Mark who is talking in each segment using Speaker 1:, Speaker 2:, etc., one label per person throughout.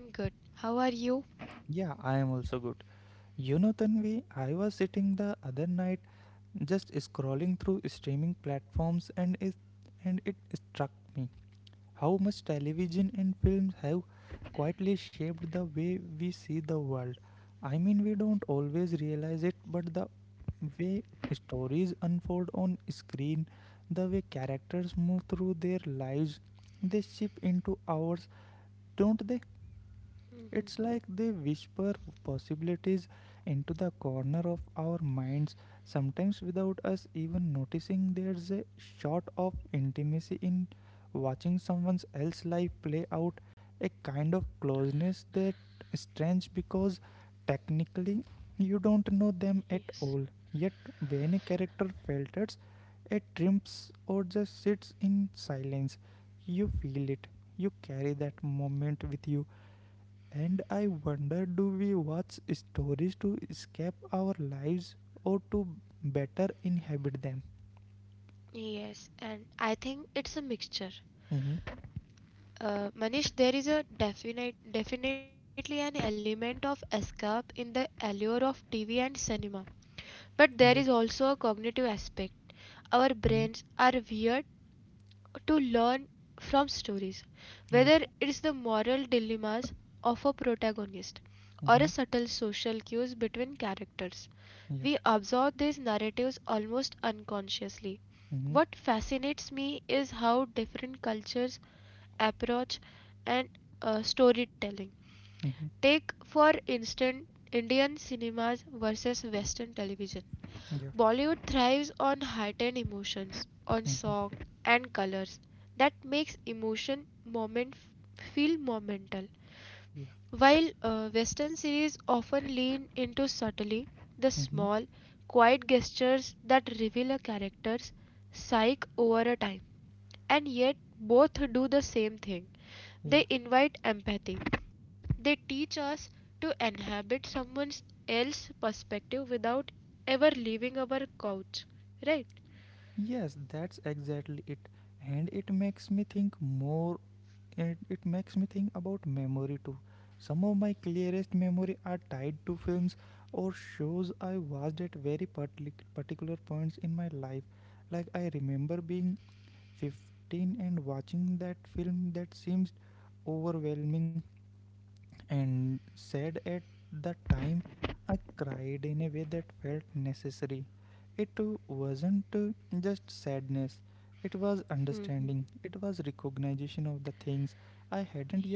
Speaker 1: I'm good. How are you? Yes. Yes, and I think it's a mixture. Manish, there is definitely an element of escape in the allure of TV and cinema, but there is also a cognitive aspect. Our brains are weird to learn from stories, whether it's the moral dilemmas of a protagonist or a subtle social cues between characters. We absorb these narratives almost unconsciously. What fascinates me is how different cultures approach and storytelling. Take, for instance, Indian cinemas versus Western television. Bollywood thrives on heightened emotions, on song and colors that makes emotion moment feel momental. While Western series often lean into subtlety, the small, quiet gestures that reveal a character's psyche over a time, and yet both do the same thing they invite empathy. They teach us to inhabit someone else's perspective without ever leaving our couch. Right?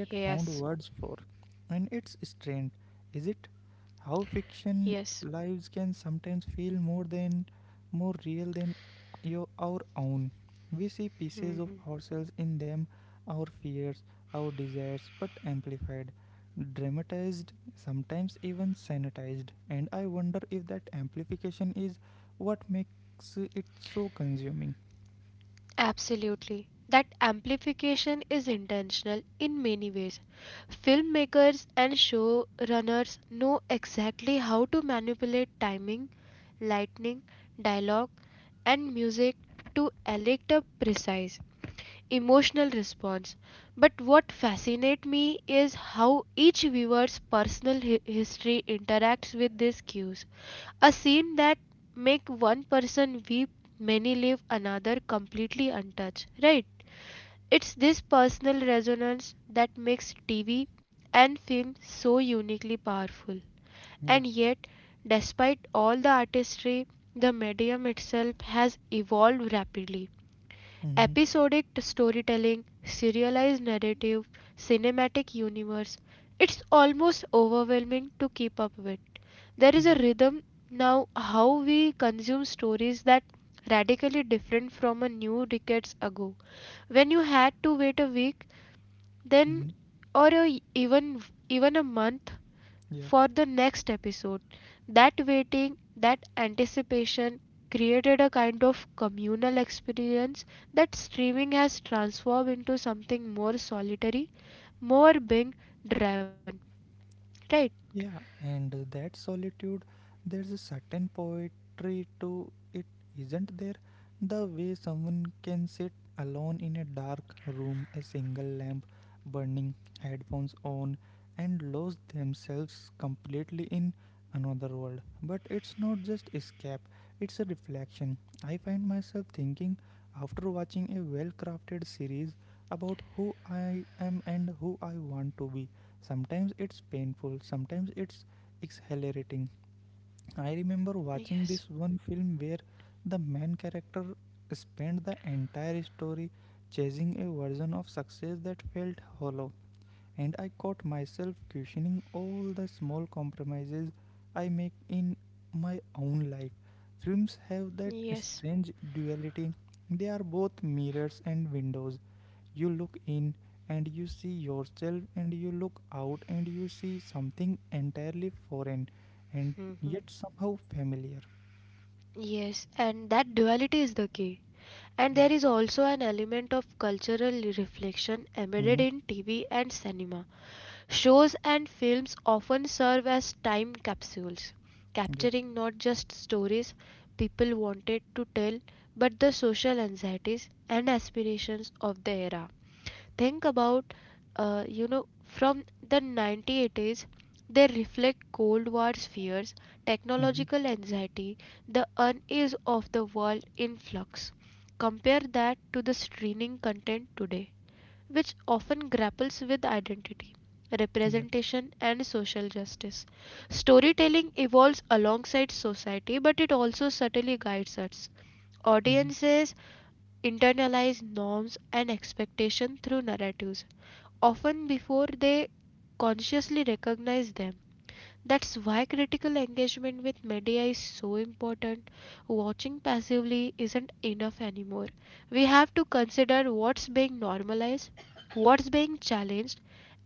Speaker 1: Yes, yes, absolutely. That amplification is intentional in many ways. Filmmakers and showrunners know exactly how to manipulate timing, lightning, dialogue, and music to elicit a precise emotional response. But what fascinates me is how each viewer's personal history interacts with these cues. A scene that make one person weep, many leave another completely untouched, right? It's this personal resonance that makes TV and film so uniquely powerful. And yet, despite all the artistry, the medium itself has evolved rapidly episodic storytelling, serialized narrative, cinematic universe. It's almost overwhelming to keep up with. There is a rhythm now how we consume stories that radically different from a new decades ago when you had to wait a week then even even a month for the next episode. That waiting, that anticipation created a kind of communal experience that streaming has transformed into something more solitary, more being driven. Right? Yes, and that duality is the key. And there is also an element of cultural reflection embedded in TV and cinema. Shows and films often serve as time capsules, capturing not just stories people wanted to tell but the social anxieties and aspirations of the era. Think about, you know, from the 1980s, they reflect Cold War's fears, technological anxiety, the unease of the world in flux. Compare that to the streaming content today which often grapples with identity, representation, and social justice. Storytelling evolves alongside society, but it also subtly guides us. Audiences internalize norms and expectations through narratives, often before they consciously recognize them. That's why critical engagement with media is so important. Watching passively isn't enough anymore. We have to consider what's being normalized, what's being challenged,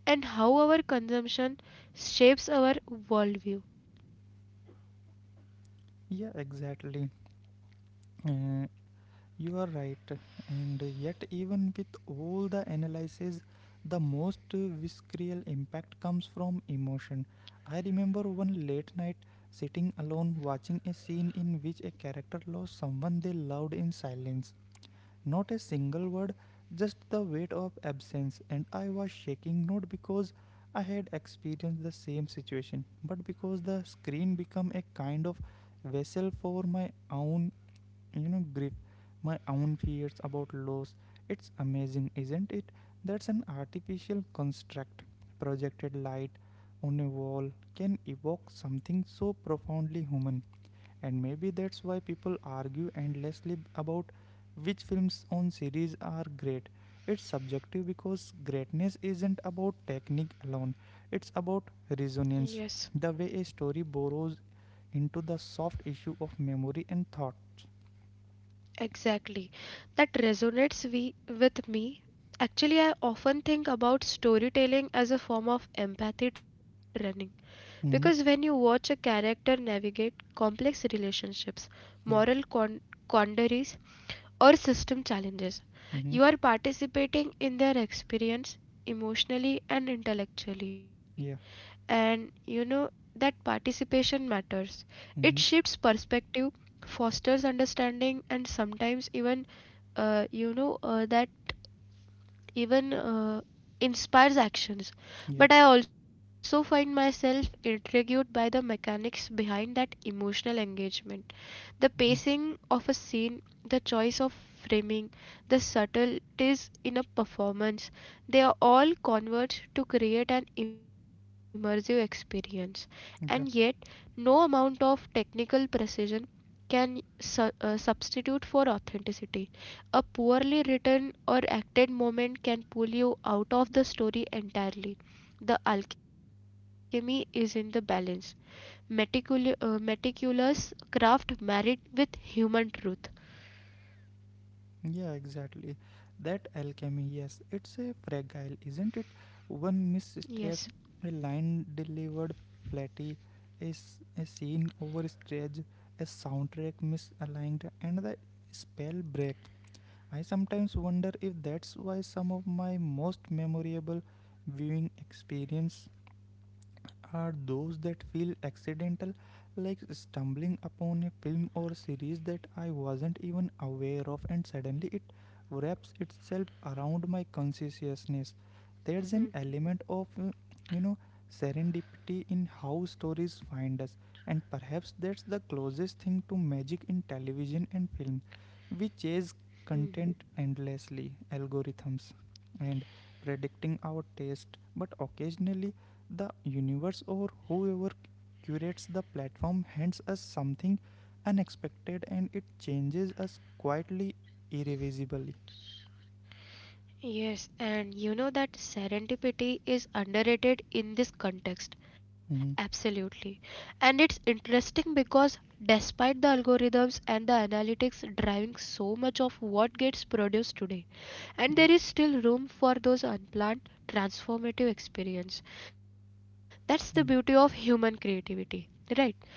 Speaker 1: and how our consumption shapes our worldview. Yes, exactly. That with me. Actually, I often think about storytelling as a form of empathy training. Because when you watch a character navigate complex relationships, moral con- quandaries, or system challenges, you are participating in their experience emotionally and intellectually. And you know that participation matters. It shifts perspective, fosters understanding, and sometimes even, you know, that even inspires actions, but I also find myself intrigued by the mechanics behind that emotional engagement. The pacing of a scene, the choice of framing, the subtleties in a performance, they are all converge to create an immersive experience. And yet, no amount of technical precision can substitute for authenticity. A poorly written or acted moment can pull you out of the story entirely. The alchemy is in the balance meticulous craft married with human truth. Yes. Yes, and you know that serendipity is underrated in this context. Absolutely. And it's interesting because despite the algorithms and the analytics driving so much of what gets produced today, and there is still room for those unplanned transformative experience. That's the beauty of human creativity, right?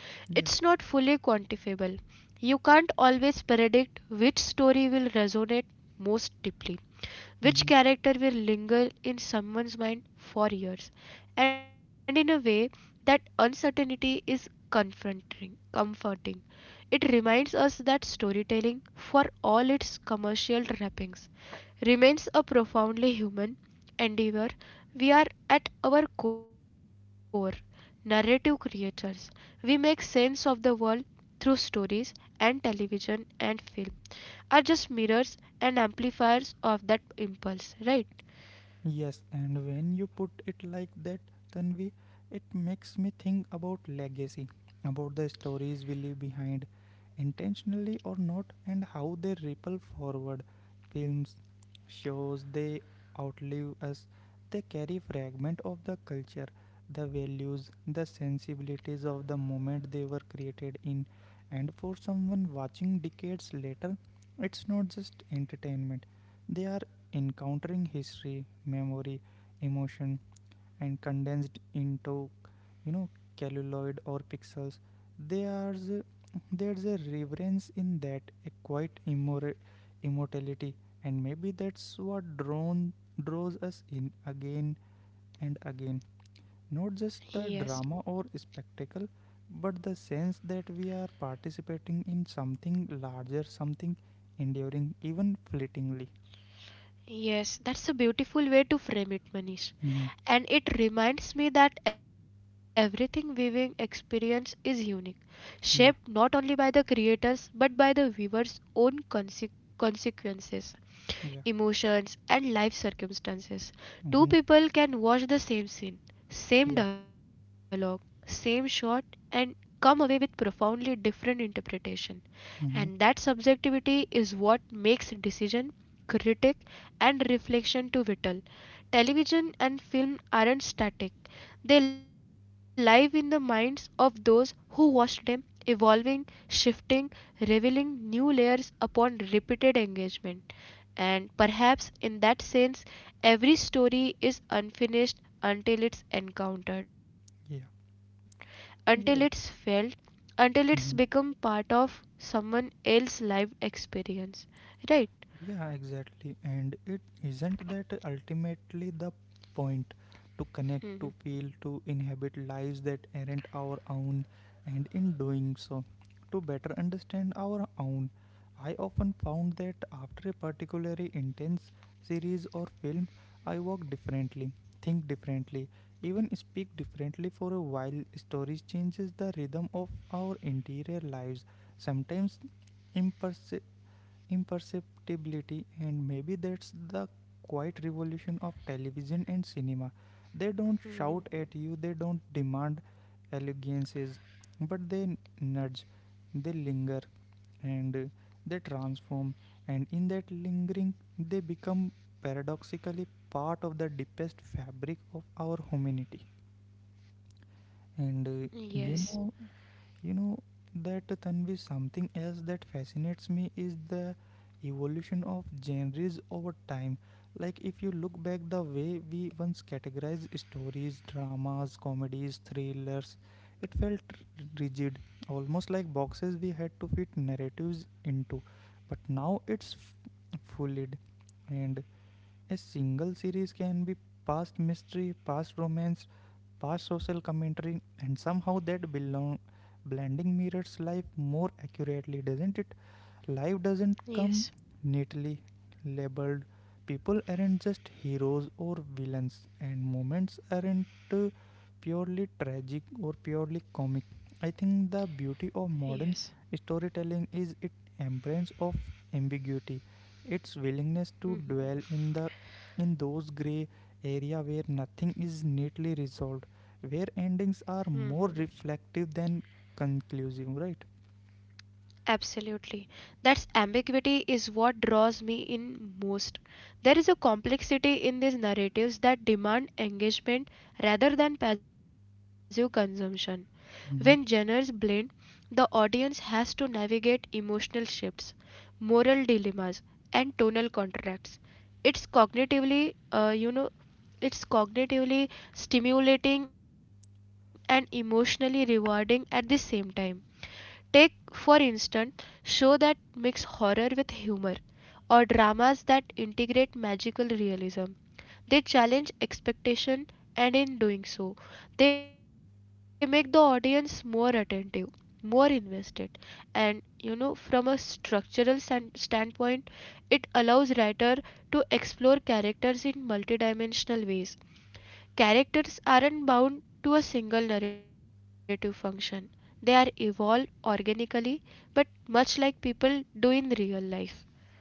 Speaker 1: It's not fully quantifiable. You can't always predict which story will resonate most deeply, which character will linger in someone's mind for years, and in a way that uncertainty is comforting. It reminds us that storytelling, for all its commercial wrappings, remains a profoundly human endeavor. We are at our core narrative creators. We make sense of the world through stories and television and film are just mirrors and amplifiers of that impulse, right? Yes, yes, that's a beautiful way to frame it, Manish. And it reminds me that everything viewing experience is unique, shaped not only by the creators but by the viewer's own consequences. Emotions, and life circumstances. Two people can watch the same scene, same dialogue, same shot, and come away with profoundly different interpretation. And that subjectivity is what makes decision, critique, and reflection to vital. Television and film aren't static. They live in the minds of those who watched them, evolving, shifting, revealing new layers upon repeated engagement. And perhaps in that sense, every story is unfinished until it's encountered, until it's felt, until it's become part of someone else's life experience. Right? Hmm. Yes, yes, yes. Absolutely. That's ambiguity is what draws me in most. There is a complexity in these narratives that demand engagement rather than passive consumption. When genres blend, the audience has to navigate emotional shifts, moral dilemmas, and tonal contrasts. It's cognitively, uh, you know, it's cognitively stimulating and emotionally rewarding at the same time. Take, for instance, shows that mix horror with humor, or dramas that integrate magical realism. They challenge expectation and in doing so they make the audience more attentive, more invested and you know from a standpoint it allows writer to explore characters in multidimensional ways. Characters aren't bound to a single narrative function. They are evolved organically but much like people do in real life.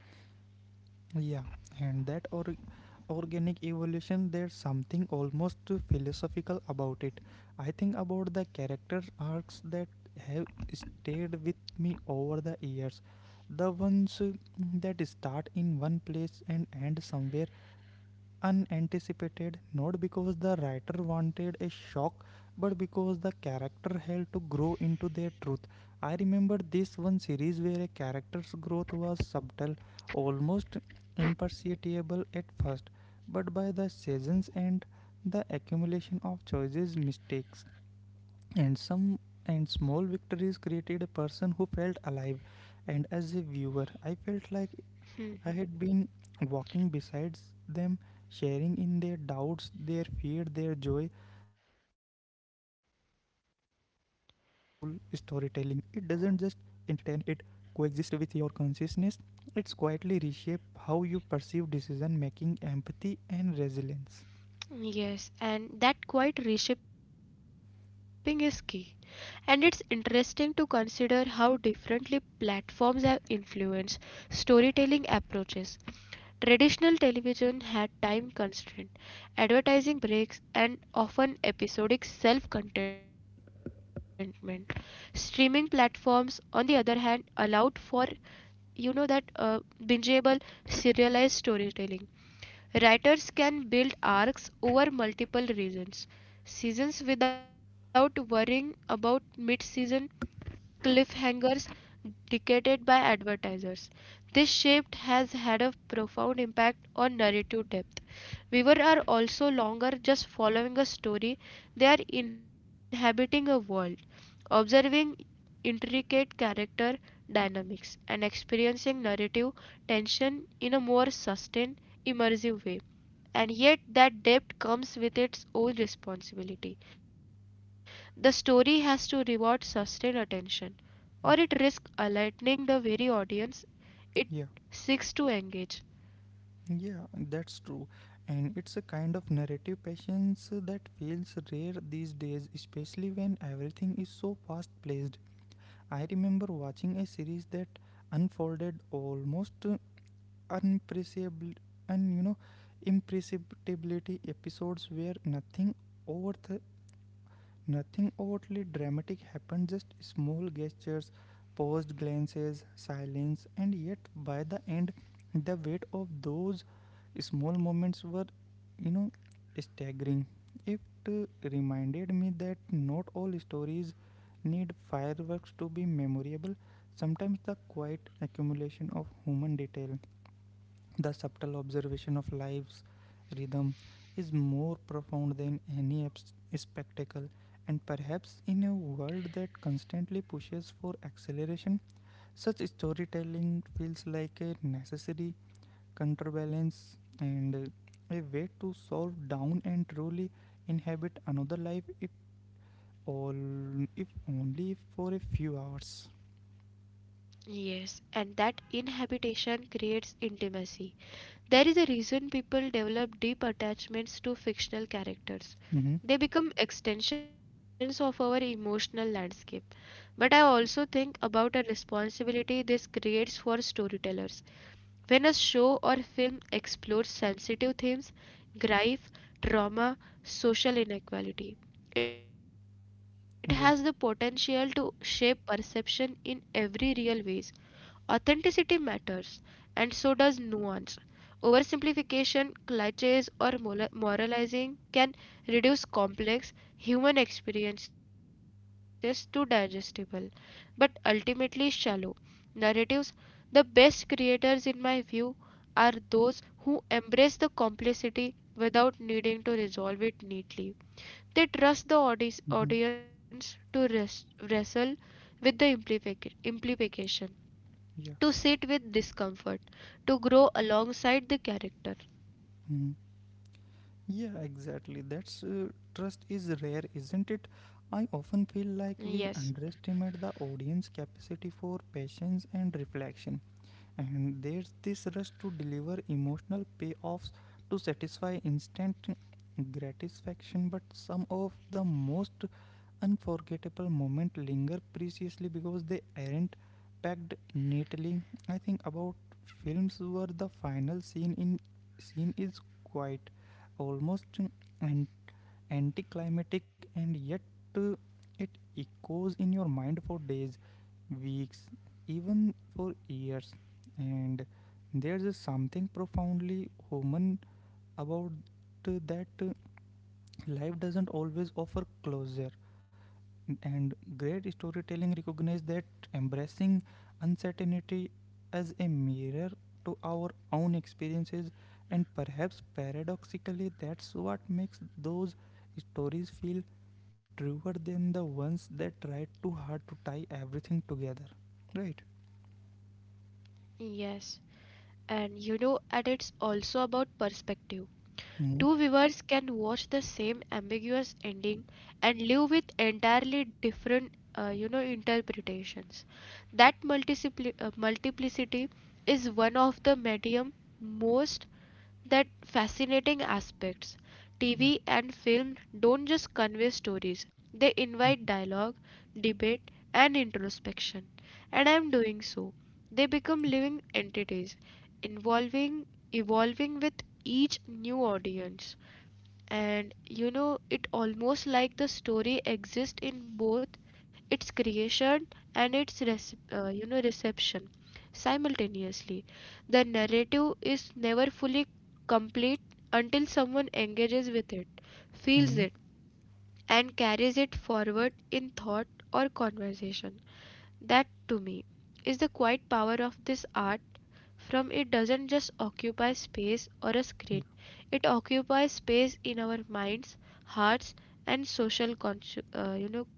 Speaker 1: Yes, and that quite reshaping is key. And it's interesting to consider how differently platforms have influenced storytelling approaches. Traditional television had time constraint, advertising breaks, and often episodic self contentment. Streaming platforms, on the other hand, allowed for you know that bingeable serialized storytelling. Writers can build arcs over multiple reasons seasons without worrying about mid-season cliffhangers dictated by advertisers. This shift has had a profound impact on narrative depth. Viewers are also longer just following a story, they are inhabiting a world, observing intricate character dynamics, and experiencing narrative tension in a more sustained, immersive way and yet that debt comes with its own responsibility. The story has to reward sustained attention, or it risks aligning the very audience it seeks to engage. Yes, and that inhabitation creates intimacy. There is a reason people develop deep attachments to fictional characters. They become extensions of our emotional landscape. But I also think about a responsibility this creates for storytellers. When a show or film explores sensitive themes, grief, trauma, social inequality, it has the potential to shape perception in every real ways. Authenticity matters, and so does nuance. Oversimplification, cliches, or moralizing can reduce complex human experiences to digestible, but ultimately shallow narratives. The best creators, in my view, are those who embrace the complexity without needing to resolve it neatly. They trust the audience to wrestle with the implications to sit with discomfort, to grow alongside the character. Yes, yes, and you know, and it's also about perspective. Two viewers can watch the same ambiguous ending and live with entirely different, interpretations. That multiplicity is one of the medium most that fascinating aspects. TV and film don't just convey stories, they invite dialogue, debate, and introspection. And I'm doing so. They become living entities, involving, evolving with each new audience and you know it almost like the story exists in both its creation and its reception simultaneously the narrative is never fully complete until someone engages with it feels it and carries it forward in thought or conversation that to me is the quiet power of this art from it doesn't just occupy space or a screen it occupies space in our minds hearts and social consci-.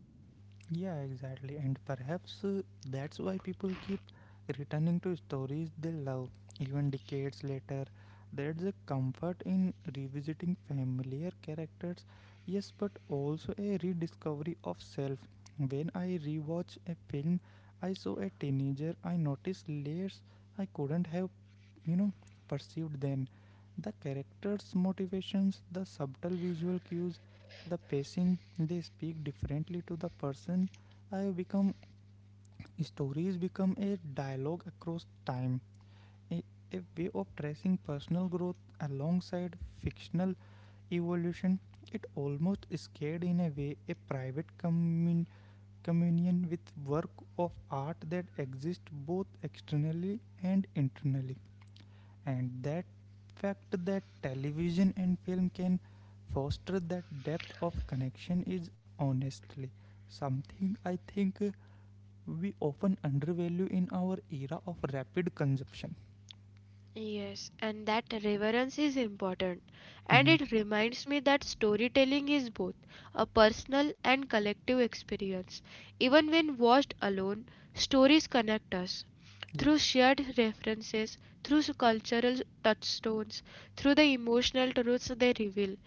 Speaker 1: Yes, and that reverence is important. And it reminds me that storytelling is both a personal and collective experience. Even when watched alone, stories connect us through shared references, through cultural touchstones, through the emotional truths they reveal.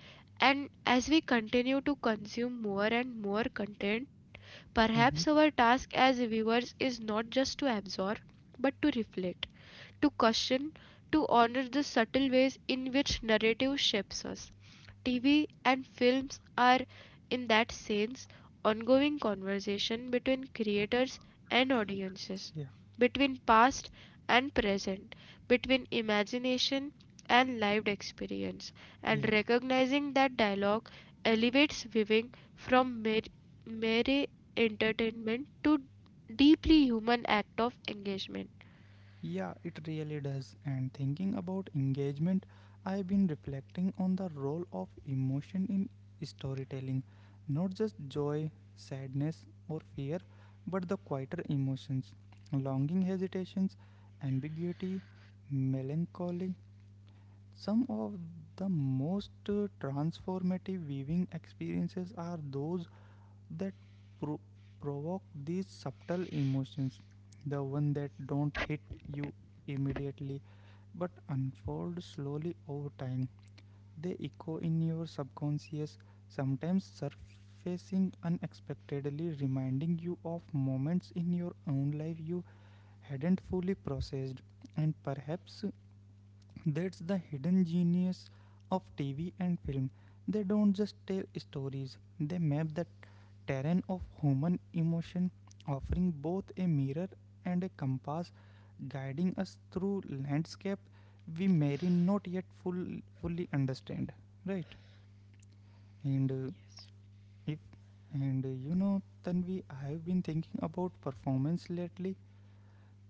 Speaker 1: And as we continue to consume more and more content, perhaps our task as viewers is not just to absorb but to reflect to caution, to honor the subtle ways in which narrative shapes us. TV and films are, in that sense, ongoing conversation between creators and audiences, between past and present, between imagination and lived experience, and recognizing that dialogue elevates viewing from mere entertainment to deeply human act of engagement.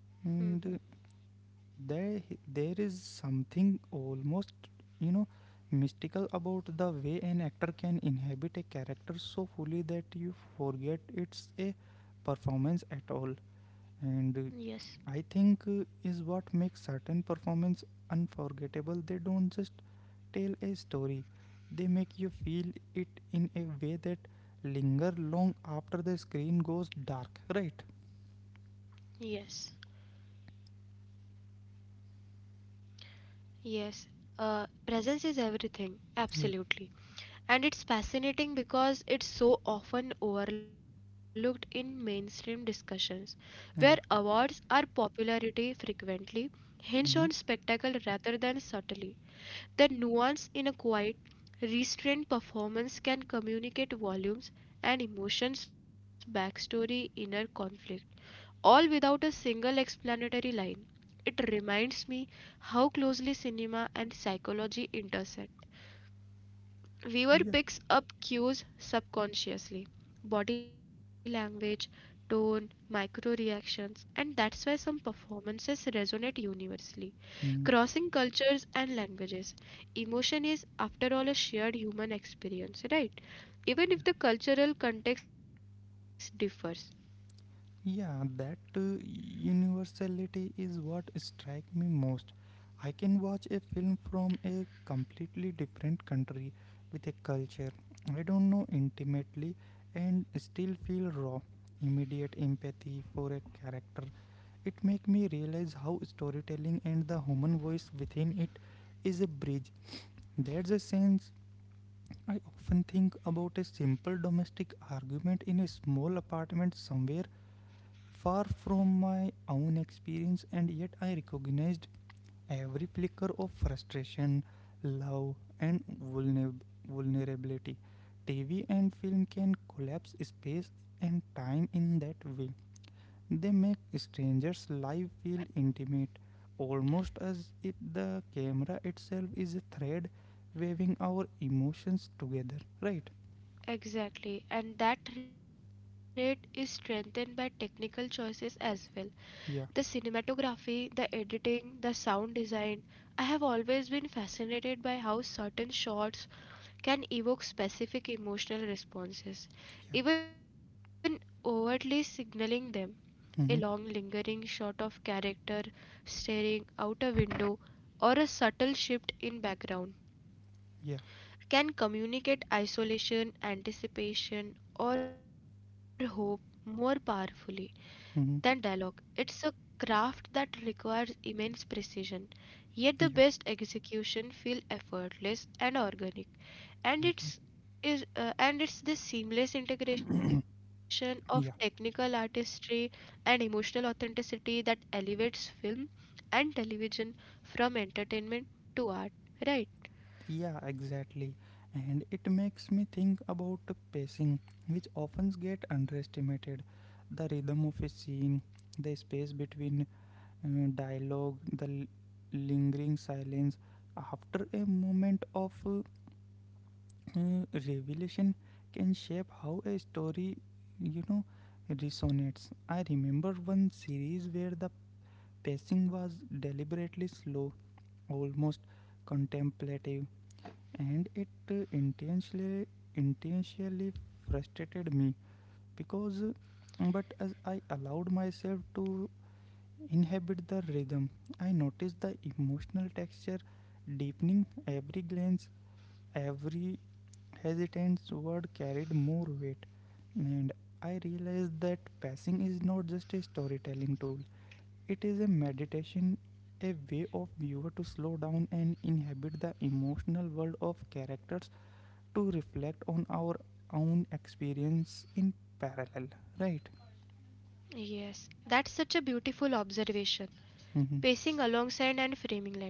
Speaker 1: Mhm. Yes. Yes, yes. Presence is everything, absolutely. And it's fascinating because it's so often overlooked in mainstream discussions, where awards or popularity frequently hinge on spectacle rather than subtlety. The nuance in a quiet, restrained performance can communicate volumes and emotions, backstory, inner conflict, all without a single explanatory line. It reminds me how closely cinema and psychology intersect. Viewer picks up cues subconsciously body language, tone, micro reactions, and that's why some performances resonate universally. Crossing cultures and languages, emotion is, after all, a shared human experience, right? Even if the cultural context differs. Exactly, and that thread is strengthened by technical choices as well. The cinematography, the editing, the sound design. I have always been fascinated by how certain shots can evoke specific emotional responses, even overtly signaling them. A long, lingering shot of character staring out a window or a subtle shift in background can communicate isolation, anticipation, or hope more powerfully than dialogue. It's a craft that requires immense precision, yet the best execution feels effortless and organic. And it's is and it's this seamless integration of technical artistry and emotional authenticity that elevates film and television from entertainment to art, right? Yes, that's such a beautiful observation. Pacing alongside and framing light, isn't it?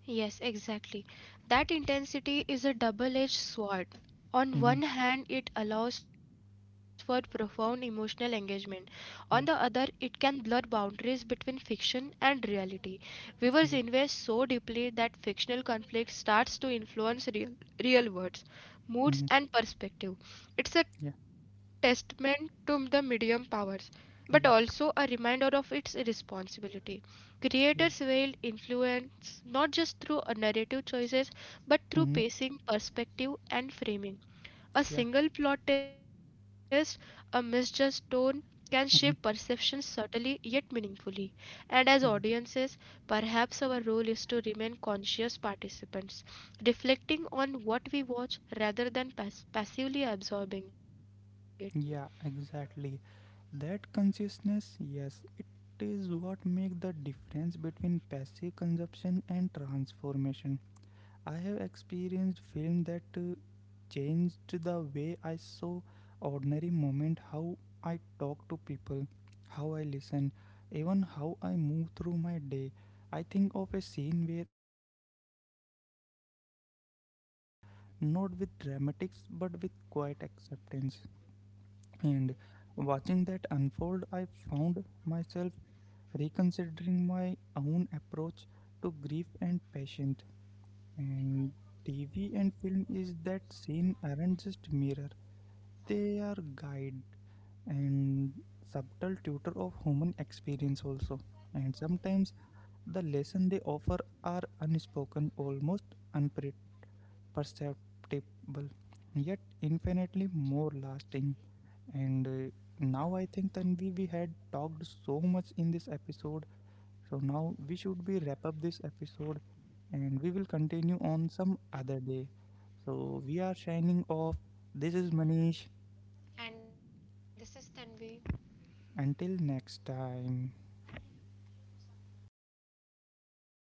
Speaker 1: Yes, exactly. That intensity is a double edged sword. On one hand, it allows for profound emotional engagement. On the other, it can blur boundaries between fiction and reality. Viewers invest so deeply that fictional conflict starts to influence real words, moods, and perspective. It's a testament to the medium powers, but also a reminder of its responsibility. Creators wield influence not just through a narrative choices but through pacing, perspective, and framing. A single plot twist, a misjudged tone can shift perception subtly yet meaningfully. And as audiences, perhaps our role is to remain conscious participants, reflecting on what we watch rather than passively absorbing it.
Speaker 2: Respond not with dramatics but with quiet acceptance. And watching that unfold, I found myself reconsidering my own approach to grief and patience. And TV and film is that scene aren't just mirror; they are guide and subtle tutor of human experience also. And sometimes the lesson they offer are unspoken, almost unpre- perceptible, yet infinitely more lasting. And Now I think, Tanvi, we had talked so much in this episode. So now we should be wrap up this episode and we will continue on some other day. So we are signing off. This is Manish. Until next time.